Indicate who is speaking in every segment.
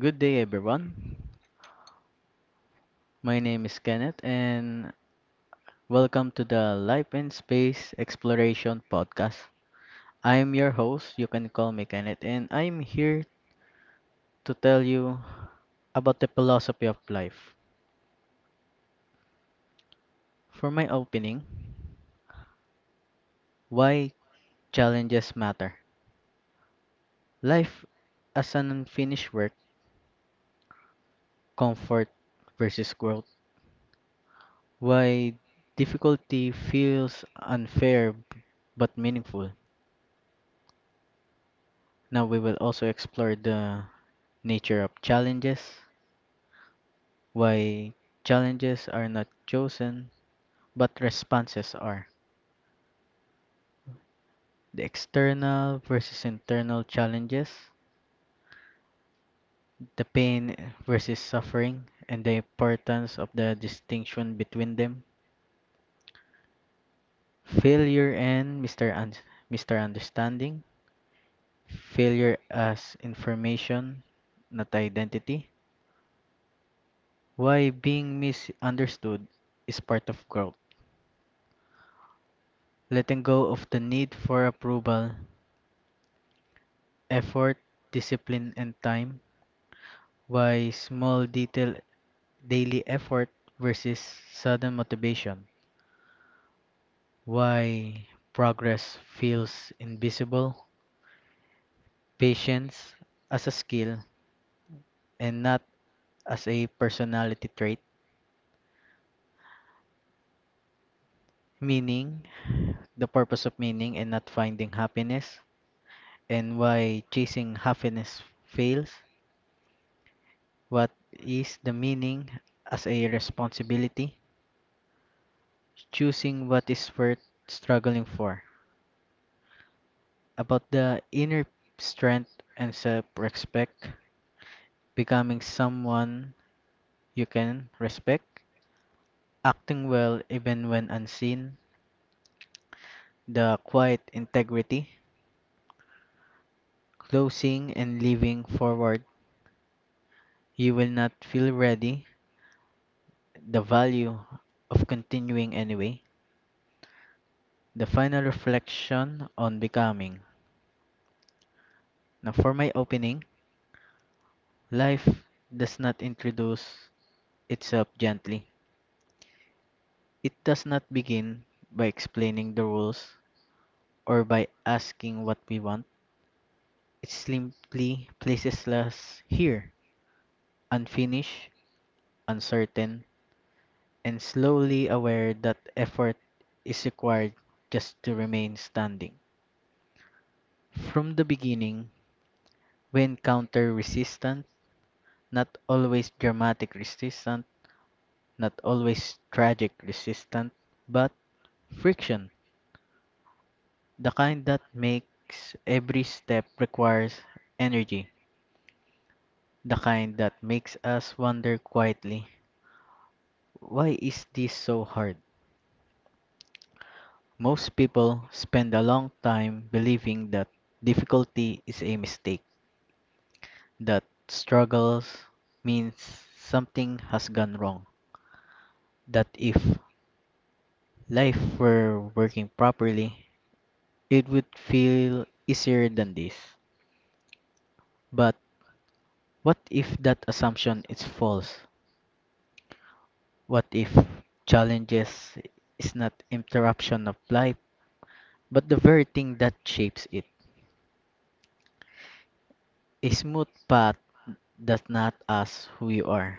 Speaker 1: Good day, everyone. My name is Kenneth, and welcome to the Life in Space Exploration podcast. I am your host. You can call me Kenneth, and I am here to tell you about the philosophy of life. For my opening, why challenges matter. Life as an unfinished work, comfort versus growth. Why difficulty feels unfair but meaningful. Now we will also explore the Nature of challenges, why challenges are not chosen but responses are. The external versus internal challenges, the pain versus suffering, and the importance of the distinction between them. Failure and Mr. Understanding, failure as information, not identity. Why being misunderstood is part of growth. Letting go of the need for approval effort, discipline, and time, why small detail daily effort versus sudden motivation, why progress feels invisible, patience as a skill and not as a personality trait, meaning, the purpose of meaning and not finding happiness, and why chasing happiness fails, what is the meaning as a responsibility, choosing what is worth struggling for, about the inner strength and self respect, becoming someone you can respect, acting well even when unseen, the quiet integrity, closing and living forward. You will not feel ready, the value of continuing anyway, the final reflection on becoming. Now, for my opening, life does not introduce itself gently. It does not begin by explaining the rules or by asking what we want. It simply places us here, unfinished, uncertain, and slowly aware that effort is required just to remain standing. From the beginning, we encounter resistance, not always dramatic resistance, not always tragic resistance, but friction. The kind that makes every step requires energy. The kind that makes us wonder quietly, why is this so hard? Most people spend a long time believing that difficulty is a mistake, that struggles means something has gone wrong, that if life were working properly, it would feel easier than this. But what if that assumption is false? What if challenges is not interruption of life, but the very thing that shapes it? A smooth path does not ask who you are.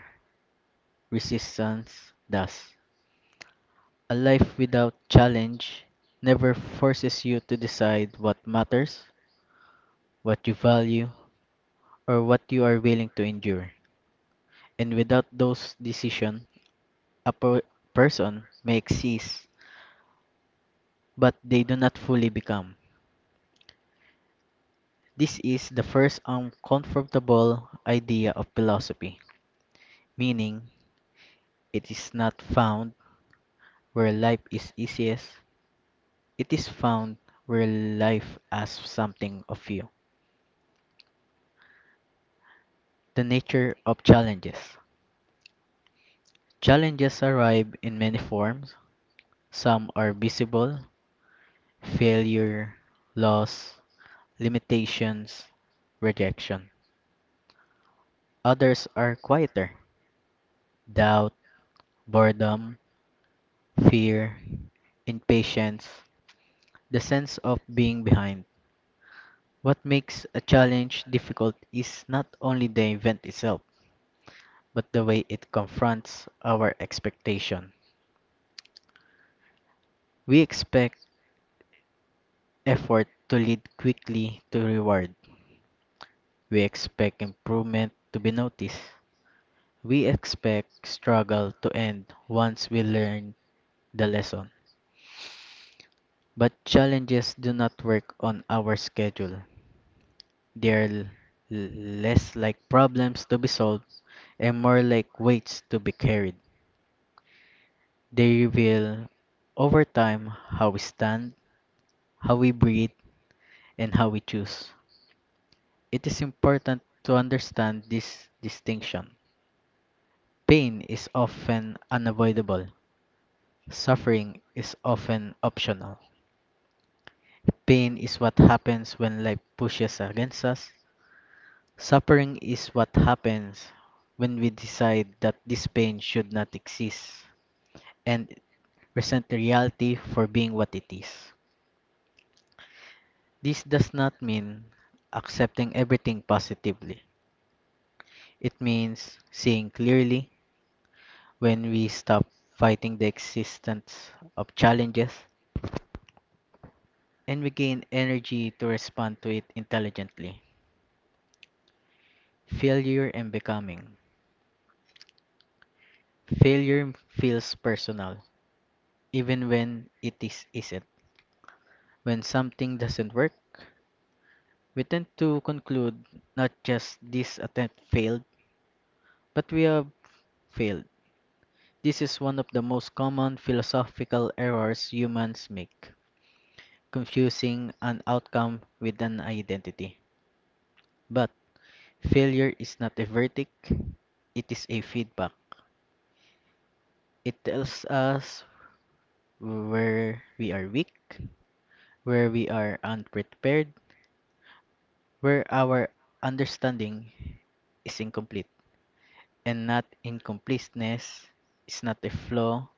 Speaker 1: Resistance does. A life without challenge never forces you to decide what matters, what you value, or what you are willing to endure. And without those decisions, a person may exist, but they do not fully become. This is the first uncomfortable idea of philosophy, meaning it is not found where life is easiest, it is found where life asks something of you. The nature of challenges. Challenges arrive in many forms. Some are visible failure, loss, limitations, rejection. Others are quieter doubt, boredom, fear, impatience, the sense of being behind. What makes a challenge difficult is not only the event itself, but the way it confronts our expectation. We expect effort to lead quickly to reward. We expect improvement to be noticed. We expect struggle to end once we learn the lesson. But challenges do not work on our schedule. They're l- less like problems to be solved and more like weights to be carried. They reveal over time how we stand, how we breathe, and how we choose. It is important to understand this distinction. Pain is often unavoidable. Suffering is often optional. Pain is what happens when life pushes against us. Suffering is what happens when we decide that this pain should not exist and resent the reality for being what it is. This does not mean accepting everything positively. It means seeing clearly when we stop fighting the existence of challenges and we gain energy to respond to it intelligently. Failure and becoming. Failure feels personal, even when it is isn't. When something doesn't work, we tend to conclude not just this attempt failed, but we have failed. This is one of the most common philosophical errors humans make, confusing an outcome with an identity. But failure is not a verdict, it is a feedback. It tells us where we are weak, where we are unprepared, where our understanding is incomplete. And not incompleteness is not a flaw,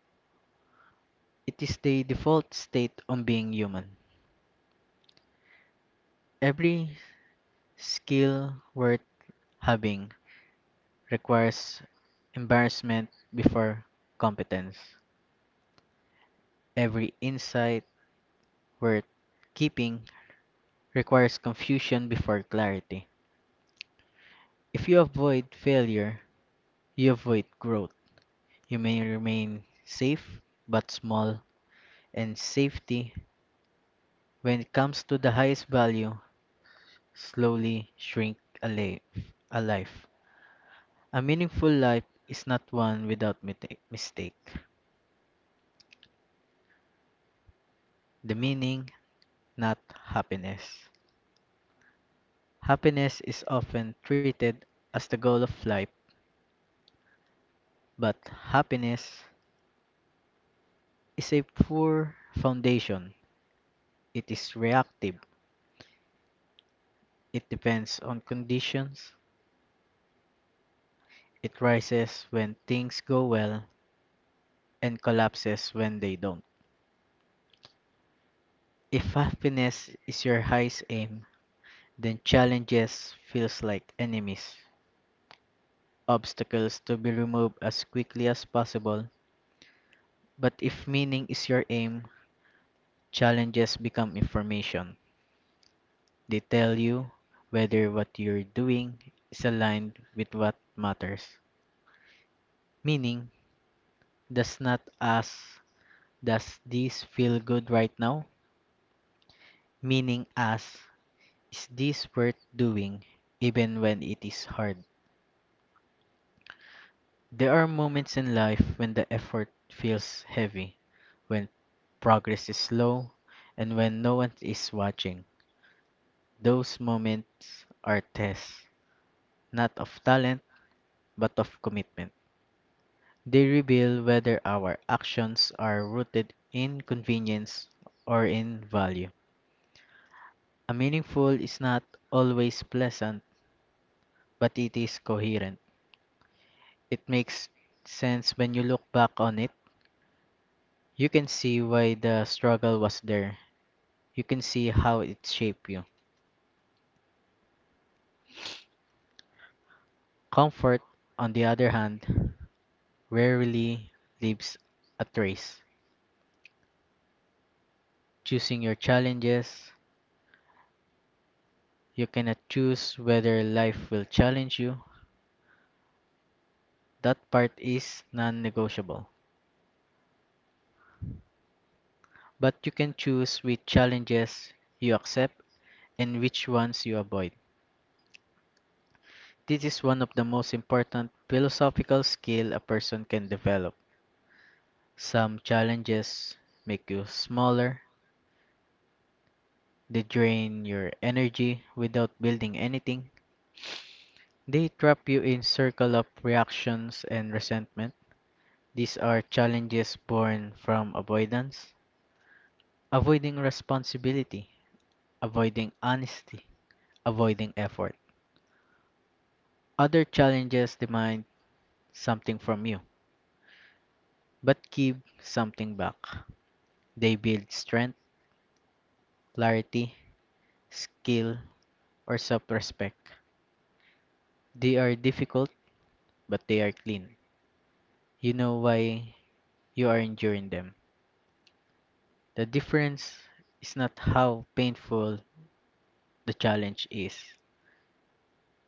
Speaker 1: it is the default state on being human. Every skill worth having requires embarrassment before competence. Every insight worth keeping requires confusion before clarity. If you avoid failure, you avoid growth. You may remain safe but small, and safety, when it comes to the highest value, slowly shrink a, la- a life. A meaningful life is not one without mistake. The meaning, not happiness. Happiness is often treated as the goal of life, but happiness is a poor foundation. It is reactive. It depends on conditions. It rises when things go well and collapses when they don't. If happiness is your highest aim, then challenges feels like enemies, obstacles to be removed as quickly as possible. But if meaning is your aim, challenges become information. They tell you whether what you're doing is aligned with what matters. Meaning does not ask, does this feel good right now? Meaning asks, is this worth doing even when it is hard? There are moments in life when the effort feels heavy, when progress is slow, and when no one is watching. Those moments are tests, not of talent, but of commitment. They reveal whether our actions are rooted in convenience or in value. A meaningful is not always pleasant, but it is coherent. It makes sense when you look back on it. You can see why the struggle was there. You can see how it shaped you. Comfort, on the other hand, rarely leaves a trace. Choosing your challenges, you cannot choose whether life will challenge you. That part is non negotiable. But you can choose which challenges you accept and which ones you avoid. This is one of the most important philosophical skills a person can develop. Some challenges make you smaller, they drain your energy without building anything. They trap you in circle of reactions and resentment. These are challenges born from avoidance, avoiding responsibility, avoiding honesty, avoiding effort. Other challenges demand something from you, but give something back. They build strength, clarity, skill, or self-respect. They are difficult, but they are clean. You know why you are enduring them. The difference is not how painful the challenge is.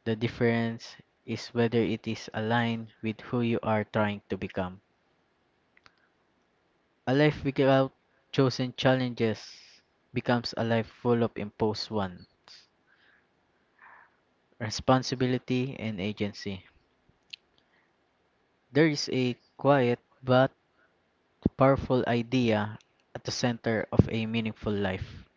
Speaker 1: The difference is whether it is aligned with who you are trying to become. A life without chosen challenges becomes a life full of imposed one, responsibility and agency. There is a quiet but powerful idea at the center of a meaningful life.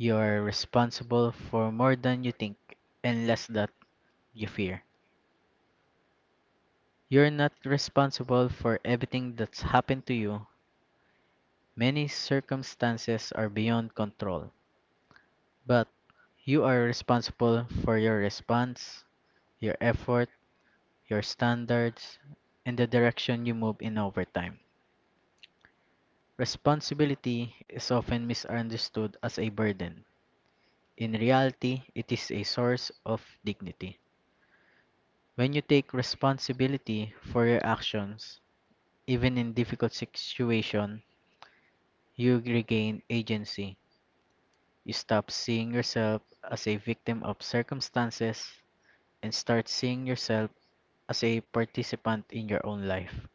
Speaker 1: You are responsible for more than you think and less that you fear. You're not responsible for everything that's happened to you. Many circumstances are beyond control. But you are responsible for your response, your effort, your standards, and the direction you move in over time. Responsibility is often misunderstood as a burden. In reality, it is a source of dignity. When you take responsibility for your actions, even in difficult situations, you regain agency. You stop seeing yourself as a victim of circumstances and start seeing yourself as a participant in your own life.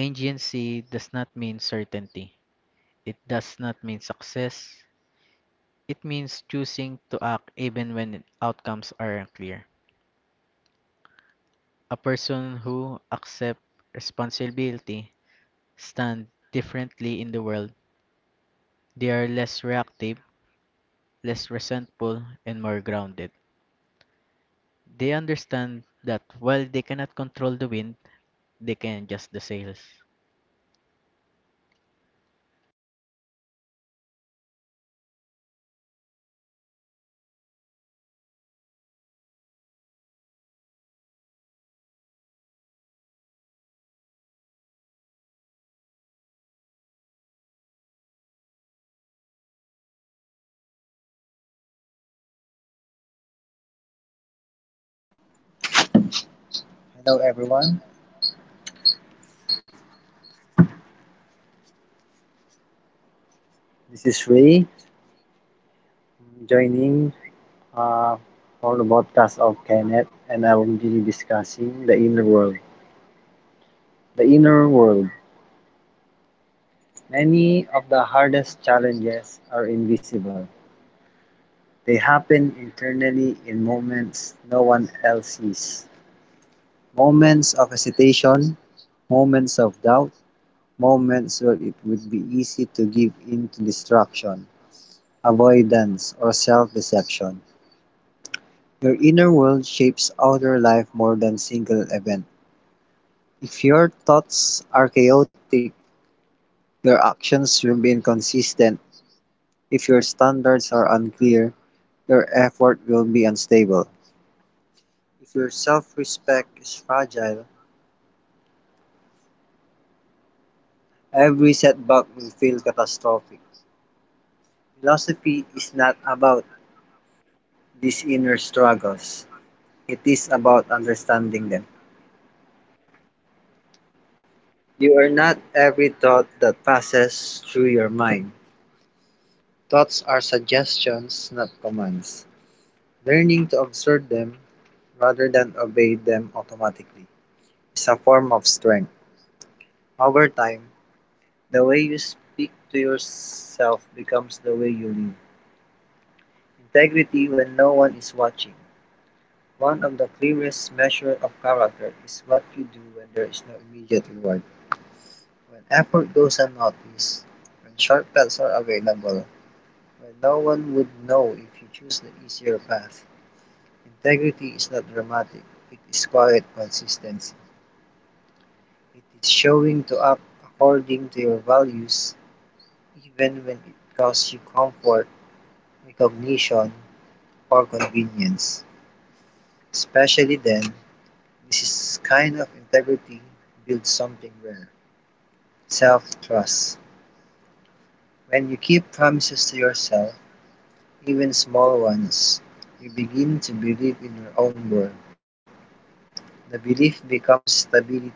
Speaker 1: Agency does not mean certainty. It does not mean success. It means choosing to act even when outcomes aren't clear. A person who accepts responsibility stands differently in the world. They are less reactive, less resentful, and more grounded. They understand that while they cannot control the wind, they can adjust the sails.
Speaker 2: Hello everyone, this is Ray joining uh, for the podcast of Kenneth, and I will be discussing the inner world. The inner world. Many of the hardest challenges are invisible. They happen internally, in moments no one else sees. Moments of hesitation, moments of doubt, moments where it would be easy to give in to distraction, avoidance, or self deception. Your inner world shapes outer life more than single event. If your thoughts are chaotic, your actions will be inconsistent. If your standards are unclear, your effort will be unstable. If your self respect is fragile, every setback will feel catastrophic. Philosophy is not about these inner struggles, it is about understanding them. You are not every thought that passes through your mind. Thoughts are suggestions, not commands. Learning to observe them rather than obey them automatically is a form of strength. Over time, the way you speak to yourself becomes the way you live. Integrity when no one is watching. One of the clearest measures of character is what you do when there is no immediate reward. When effort goes unnoticed, when shortcuts are available, when no one would know if you choose the easier path. Integrity is not dramatic, it is quiet consistency. It is showing to up according to your values even when it costs you comfort, recognition, or convenience. Especially then, this is kind of integrity builds something rare self trust. When you keep promises to yourself, even small ones, you begin to believe in your own worth. The belief becomes stability.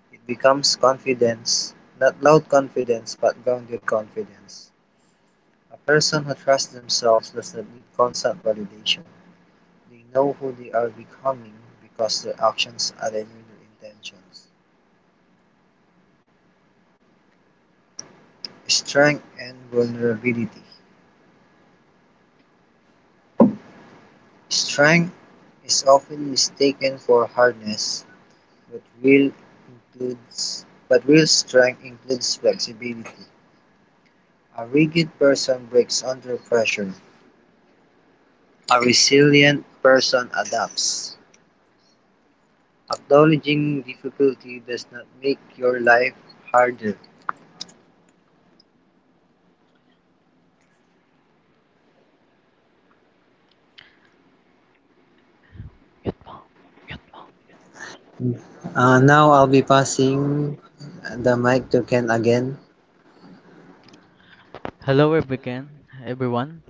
Speaker 2: It becomes confidence, not loud confidence but grounded confidence. A person who trusts themselves does not need constant validation. They know who they are becoming because their actions align with their intentions. Strength and vulnerability. Strength is often mistaken for hardness, but real but real strength includes flexibility. A rigid person breaks under pressure. A resilient person adapts. Acknowledging difficulty does not make your life harder.
Speaker 1: Mute mo. Mute mo.
Speaker 2: Now I'll be passing the mic to Ken again.
Speaker 1: Hello everyone.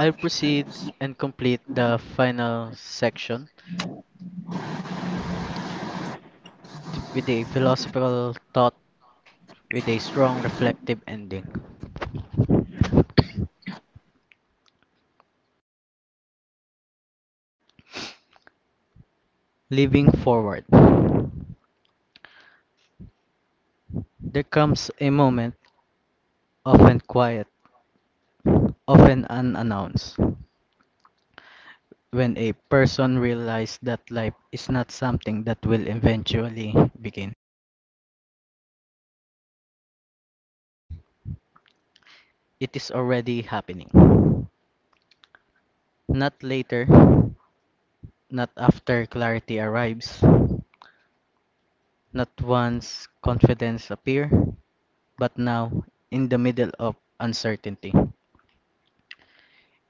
Speaker 1: I'll proceed and complete the final section with a philosophical thought with a strong reflective ending. Living forward. There comes a moment, often quiet, often unannounced, when a person realizes that life is not something that will eventually begin. It is already happening. Not later, not after clarity arrives, not once confidence appear, but now in the middle of uncertainty,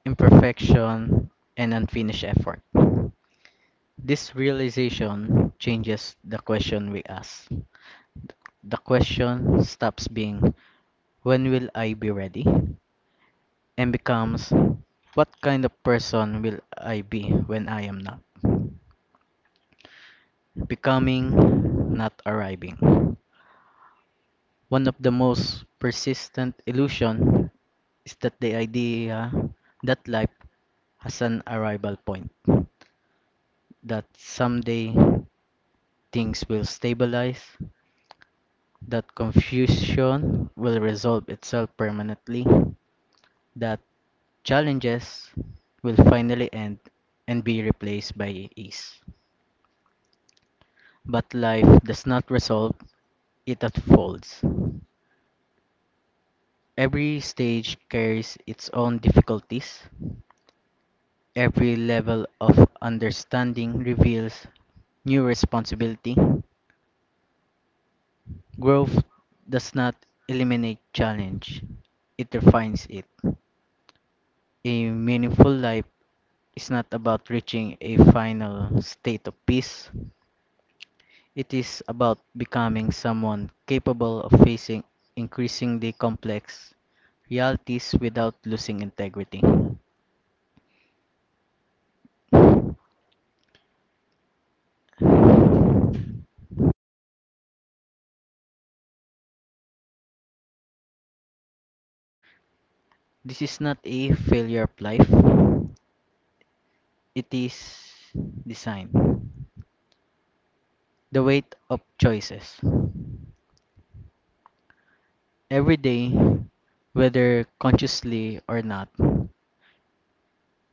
Speaker 1: imperfection, and unfinished effort. This realization changes the question we ask. The question stops being, when will I be ready? And becomes, what kind of person will I be when I am not? Becoming, not arriving. One of the most persistent illusion is that the idea that life has an arrival point, that someday things will stabilize, that confusion will resolve itself permanently, that challenges will finally end and be replaced by ease. But life does not resolve, it unfolds. Every stage carries its own difficulties. Every level of understanding reveals new responsibility. Growth does not eliminate challenge, it refines it. A meaningful life is not about reaching a final state of peace, it is about becoming someone capable of facing increasingly complex realities without losing integrity. This is not a failure of life, it is design. The weight of choices. Every day, whether consciously or not,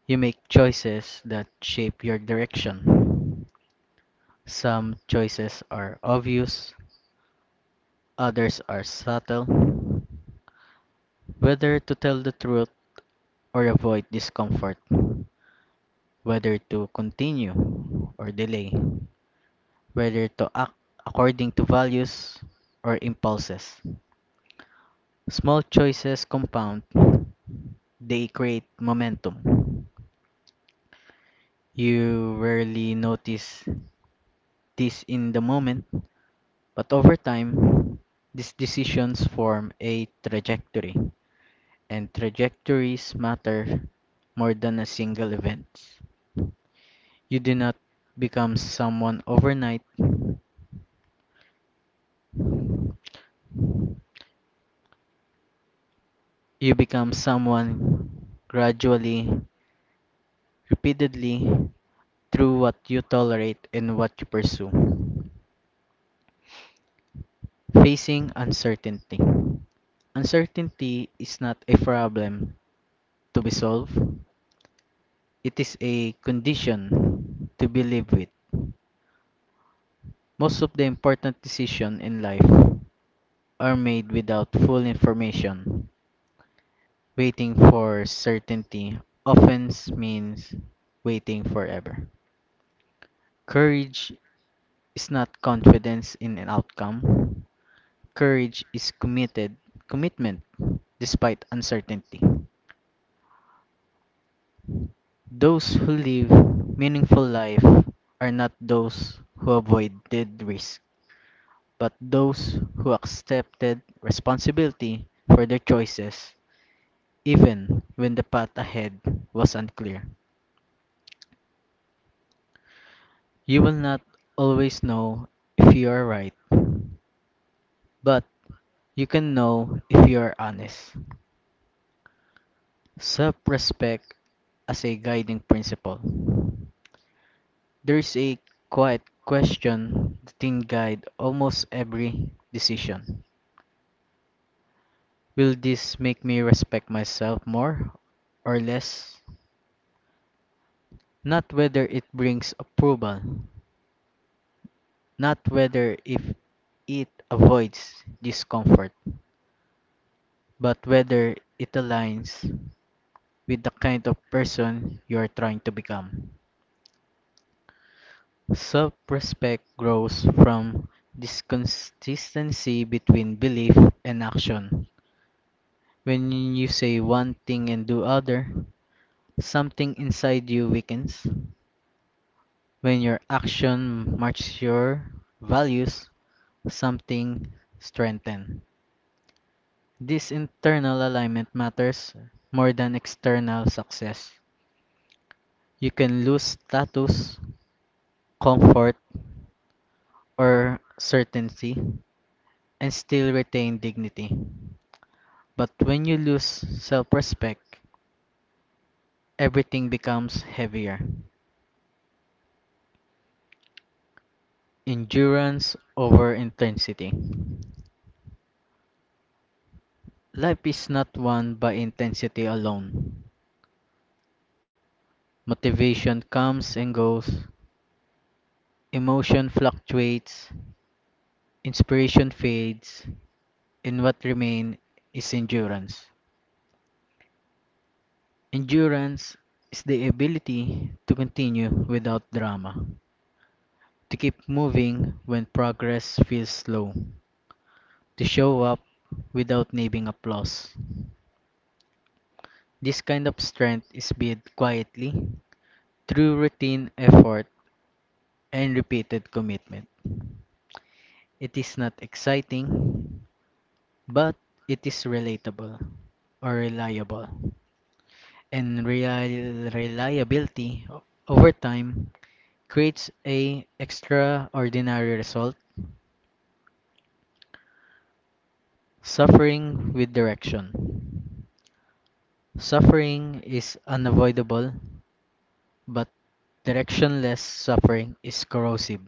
Speaker 1: you make choices that shape your direction. Some choices are obvious, others are subtle. Whether to tell the truth or avoid discomfort, whether to continue or delay, whether to act according to values or impulses. Small choices compound, they create momentum. You rarely notice this in the moment, but over time, these decisions form a trajectory, and trajectories matter more than a single event. You do not become someone overnight, you become someone gradually, repeatedly, through what you tolerate and what you pursue. Facing uncertainty. Uncertainty is not a problem to be solved, it is a condition to be lived with. Most of the important decisions in life are made without full information. Waiting for certainty often means waiting forever. Courage is not confidence in an outcome. Courage is committed commitment despite uncertainty. Those who live meaningful life are not those who avoided risk, but those who accepted responsibility for their choices even when the path ahead was unclear. You will not always know if you are right, but you can know if you are honest. Self respect as a guiding principle. There is a quiet question that can guide almost every decision. Will this make me respect myself more or less? Not whether it brings approval, not whether if it avoids discomfort, but whether it aligns with the kind of person you are trying to become. Self respect grows from this consistency between belief and action. When you say one thing and do other, something inside you weakens. When your action matches your values, something strengthens. This internal alignment matters more than external success. You can lose status, comfort, or certainty and still retain dignity. But when you lose self respect, everything becomes heavier. Endurance over intensity. Life is not won by intensity alone. Motivation comes and goes, emotion fluctuates, inspiration fades, and what remains is endurance. Endurance is the ability to continue without drama, to keep moving when progress feels slow, to show up without needing applause. This kind of strength is built quietly through routine effort and repeated commitment. It is not exciting, but it is relatable or reliable. And real reliability over time creates a extraordinary result. Suffering with direction. Suffering is unavoidable, but directionless suffering is corrosive.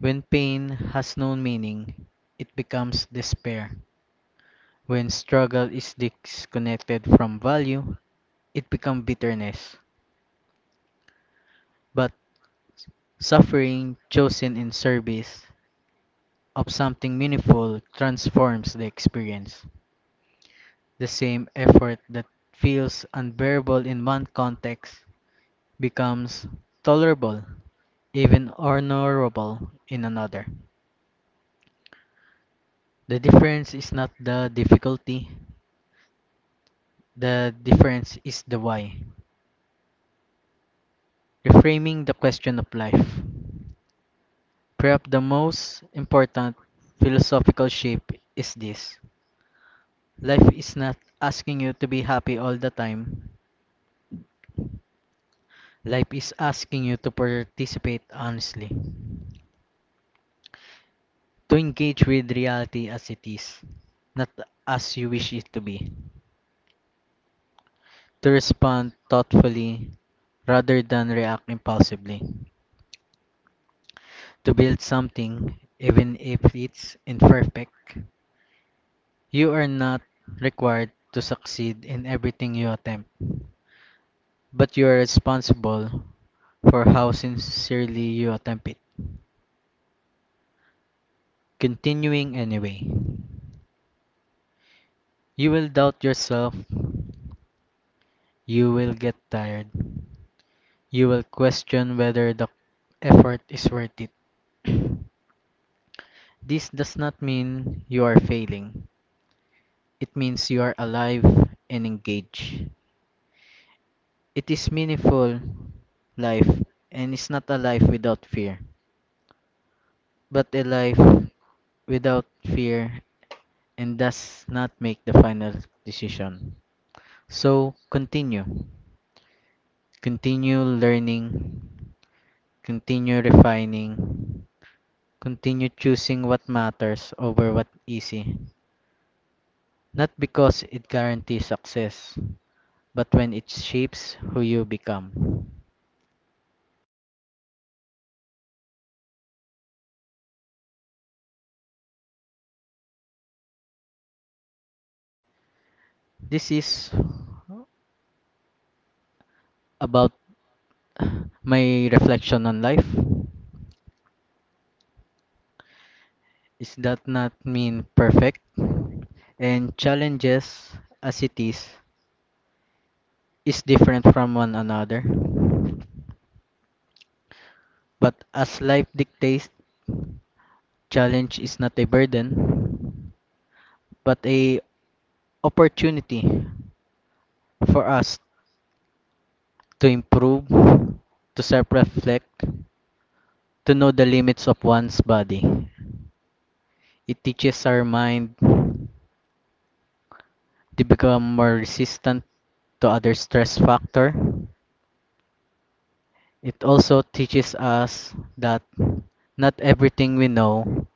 Speaker 1: When pain has no meaning, it becomes despair. When struggle is disconnected from value, it becomes bitterness. But suffering chosen in service of something meaningful transforms the experience. The same effort that feels unbearable in one context becomes tolerable, even honorable, in another. The difference is not the difficulty, the difference is the why. Reframing the question of life. Perhaps the most important philosophical shape is this: life is not asking you to be happy all the time, life is asking you to participate honestly, to engage with reality as it is, not as you wish it to be, to respond thoughtfully rather than react impulsively, to build something even if it's imperfect. You are not required to succeed in everything you attempt, but you are responsible for how sincerely you attempt it. Continuing anyway. You will doubt yourself, you will get tired, you will question whether the effort is worth it. This does not mean you are failing. It means you are alive and engaged. It is meaningful life and it's not a life without fear, but a life without fear and does not make the final decision. So continue. Continue learning, continue refining, continue choosing what matters over what easy. Not because it guarantees success, but when it shapes who you become. This is about my reflection on life. Is that not mean perfect? And challenges as it is different from one another. But as life dictates, challenge is not a burden, but a opportunity for us to improve, to self-reflect, to know the limits of one's body. It teaches our mind to become more resistant to other stress factor. It also teaches us that not everything we know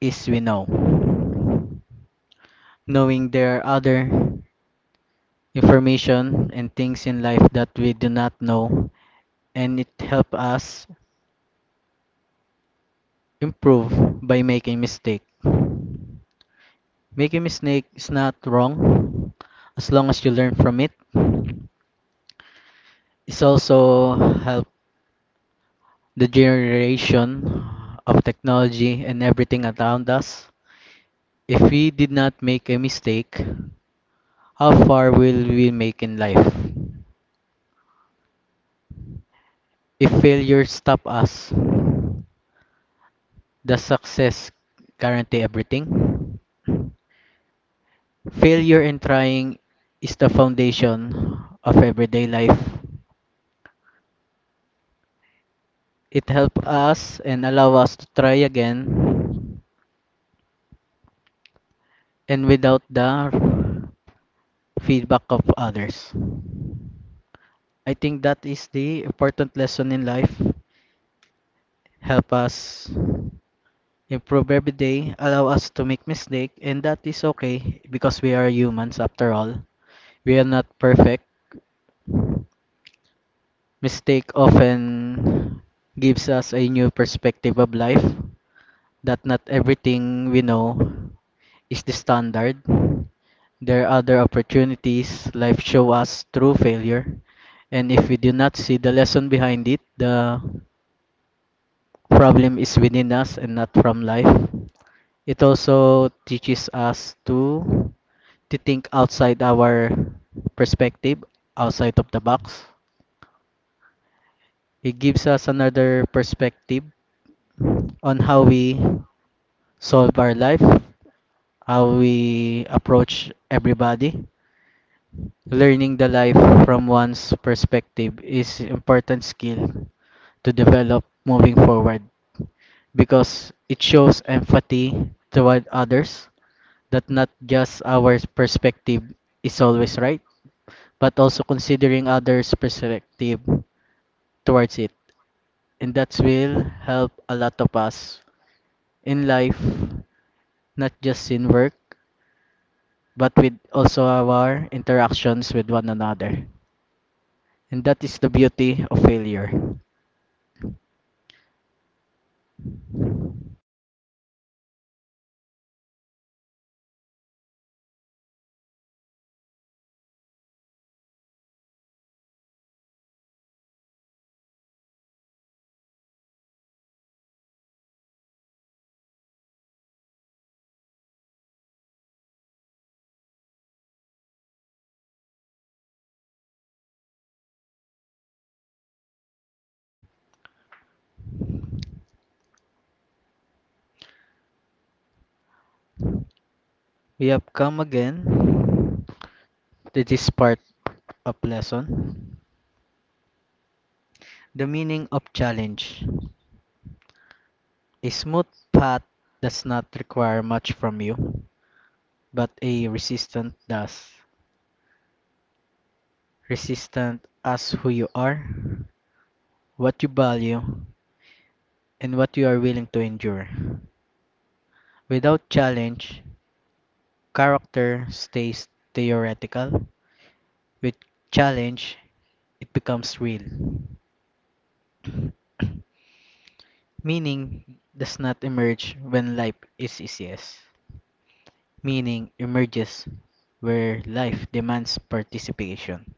Speaker 1: is we know, knowing there are other information and things in life that we do not know, and it help us improve by making mistake. Making mistake is not wrong as long as you learn from it. It's also help the generation of technology and everything around us. If we did not make a mistake, how far will we make in life? If failure stop us, does success guarantee everything? Failure in trying is the foundation of everyday life. It helps us and allow us to try again and without the feedback of others. I think that is the important lesson in life. Help us improve every day, allow us to make mistakes, and that is okay because we are humans after all. We are not perfect. Mistake often gives us a new perspective of life that not everything we know is the standard. There are other opportunities life show us through failure. And if we do not see the lesson behind it, the problem is within us and not from life. It also teaches us to think outside our perspective, outside of the box. It gives us another perspective on how we solve our life, how we approach everybody. Learning the life from one's perspective is important skill to develop moving forward, because it shows empathy toward others that not just our perspective is always right, but also considering others' perspective towards it. And that will help a lot of us in life, not just in work, but with also our interactions with one another. And that is the beauty of failure. We have come again to this part of lesson. The meaning of challenge. A smooth path does not require much from you, but a resistant does. Resistant as who you are, what you value, and what you are willing to endure. Without challenge, character stays theoretical. With challenge, it becomes real. Meaning does not emerge when life is easiest. Meaning emerges where life demands participation.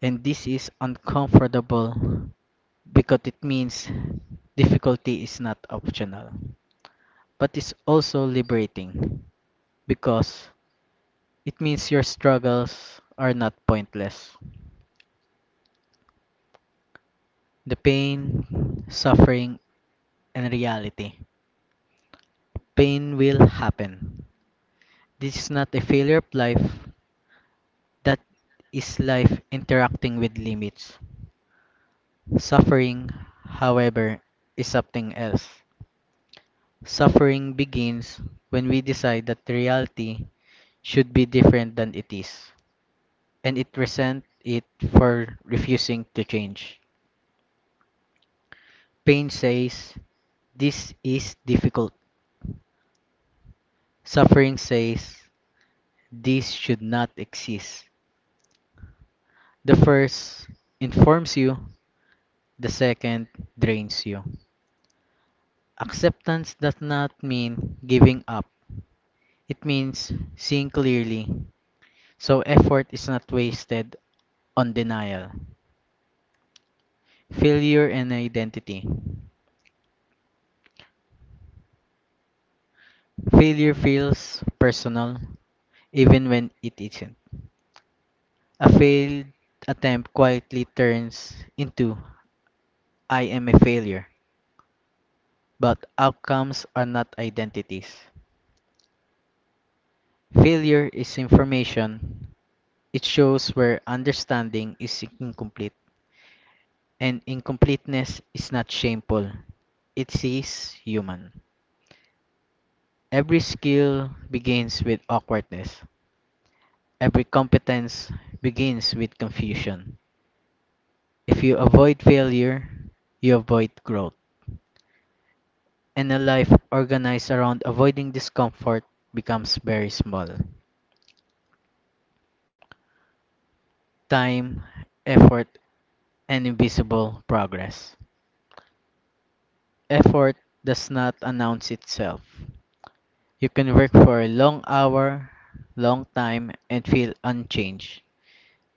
Speaker 1: And this is uncomfortable because it means difficulty is not optional, but it's also liberating because it means your struggles are not pointless. The pain, suffering, and reality. Pain will happen. This is not a failure of life, that is life interacting with limits. Suffering, however, is something else. Suffering begins when we decide that reality should be different than it is, and it resent it for refusing to change. Pain says, "This is difficult." Suffering says, "This should not exist." The first informs you, the second drains you. Acceptance does not mean giving up. It means seeing clearly, so effort is not wasted on denial. Failure and identity. Failure feels personal, even when it isn't. A failed attempt quietly turns into "I am a failure," but outcomes are not identities. Failure is information. It shows where understanding is incomplete, and incompleteness is not shameful. It is human. Every skill begins with awkwardness. Every competence begins with confusion. If you avoid failure, you avoid growth. And a life organized around avoiding discomfort becomes very small. Time, effort, and invisible progress. Effort does not announce itself. You can work for a long hour, long time, and feel unchanged.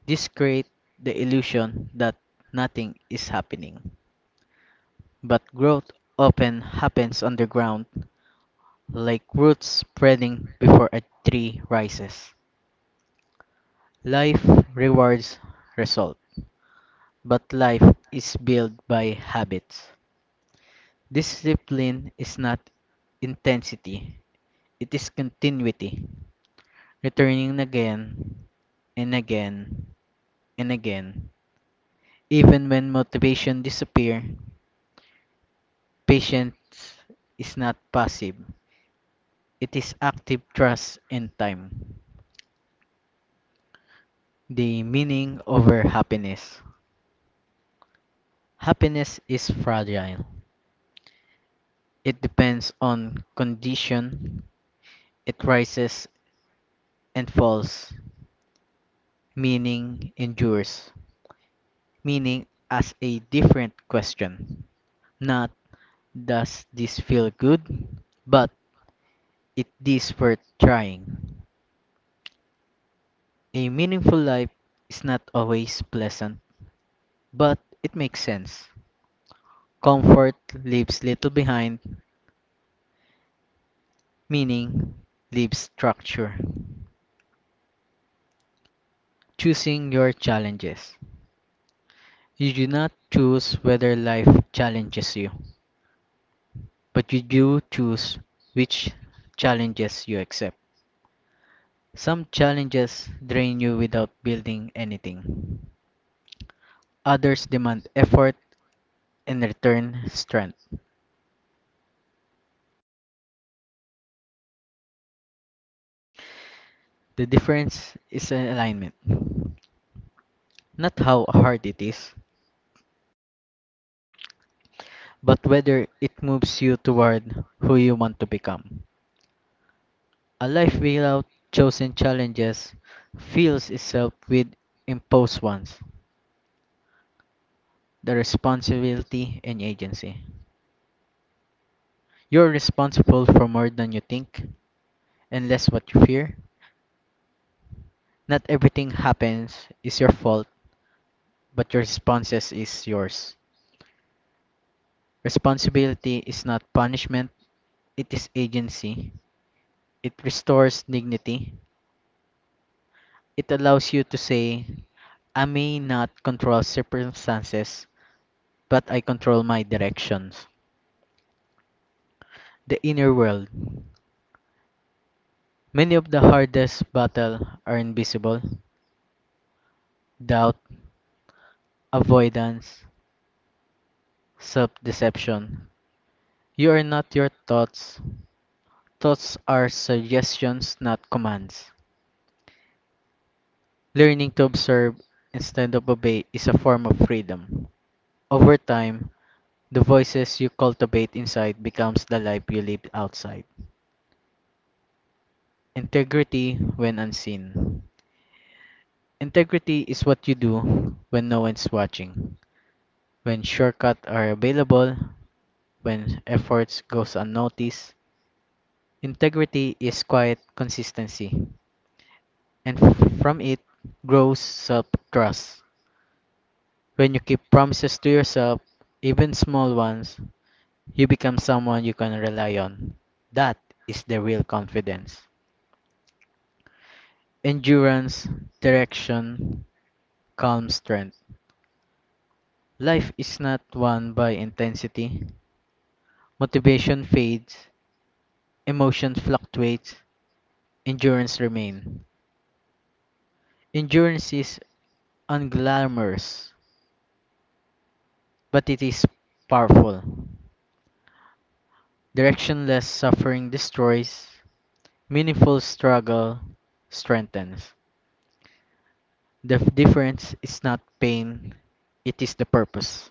Speaker 1: This creates the illusion that nothing is happening. But growth often happens underground, like roots spreading before a tree rises. Life rewards result, but life is built by habits. Discipline is not intensity, it is continuity. Returning again and again and again. Even when motivation disappears, patience is not passive. It is active trust in time. The meaning over happiness. Happiness is fragile. It depends on condition. It rises and falls. Meaning endures. Meaning as a different question, not "Does this feel good?" But it is worth trying. A meaningful life is not always pleasant, but it makes sense. Comfort leaves little behind, meaning leaves structure. Choosing your challenges. You do not choose whether life challenges you, but you do choose which challenges you accept. Some challenges drain you without building anything. Others demand effort and return strength. The difference is an alignment. Not how hard it is, but whether it moves you toward who you want to become. A life without chosen challenges fills itself with imposed ones, the responsibility and agency. You're responsible for more than you think and less what you fear. Not everything happens is your fault, but your responses is yours. Responsibility is not punishment, it is agency. It restores dignity. It allows you to say, "I may not control circumstances, but I control my directions." The inner world. Many of the hardest battles are invisible. Doubt, avoidance, self-deception. You are not your thoughts. Thoughts are suggestions, not commands. Learning to observe instead of obey is a form of freedom. Over time, the voices you cultivate inside becomes the life you live outside. Integrity when unseen. Integrity is what you do when no one's watching, when shortcuts are available, when efforts goes unnoticed. Integrity is quiet consistency, and from it grows self-trust. When you keep promises to yourself, even small ones, you become someone you can rely on. That is the real confidence. Endurance, direction, calm strength. Life is not won by intensity. Motivation fades, emotion fluctuates, endurance remains. Endurance is unglamorous, but it is powerful. Directionless suffering destroys, meaningful struggle strengthens. The difference is not pain, it is the purpose.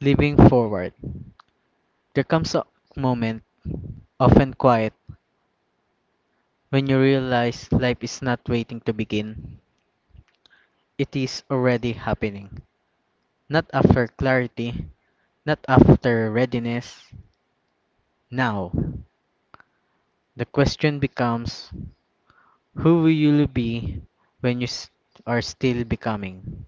Speaker 1: Living forward. There comes a moment, often quiet, when you realize life is not waiting to begin. It is already happening. Not after clarity, not after readiness. Now, the question becomes: who will you be when you are still becoming?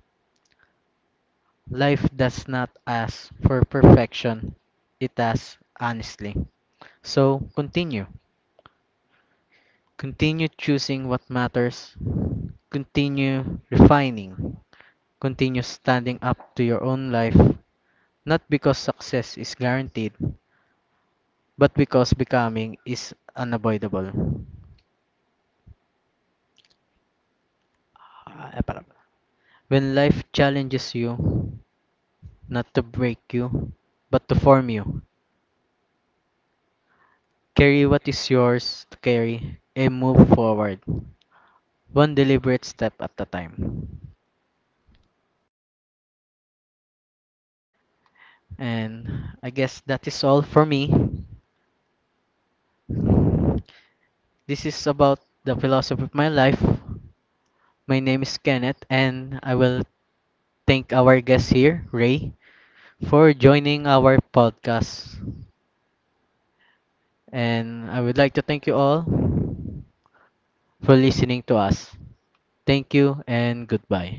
Speaker 1: Life does not ask for perfection, it asks honestly. So continue. Continue choosing what matters. Continue refining. Continue standing up to your own life, not because success is guaranteed, but because becoming is unavoidable. Ah, eh, pala- When life challenges you, not to break you, but to form you. Carry what is yours to carry and move forward, one deliberate step at a time. And I guess that is all for me. This is about the philosophy of my life. My name is Kenneth, and I will thank our guest here, Ray, for joining our podcast. And I would like to thank you all for listening to us. Thank you and goodbye.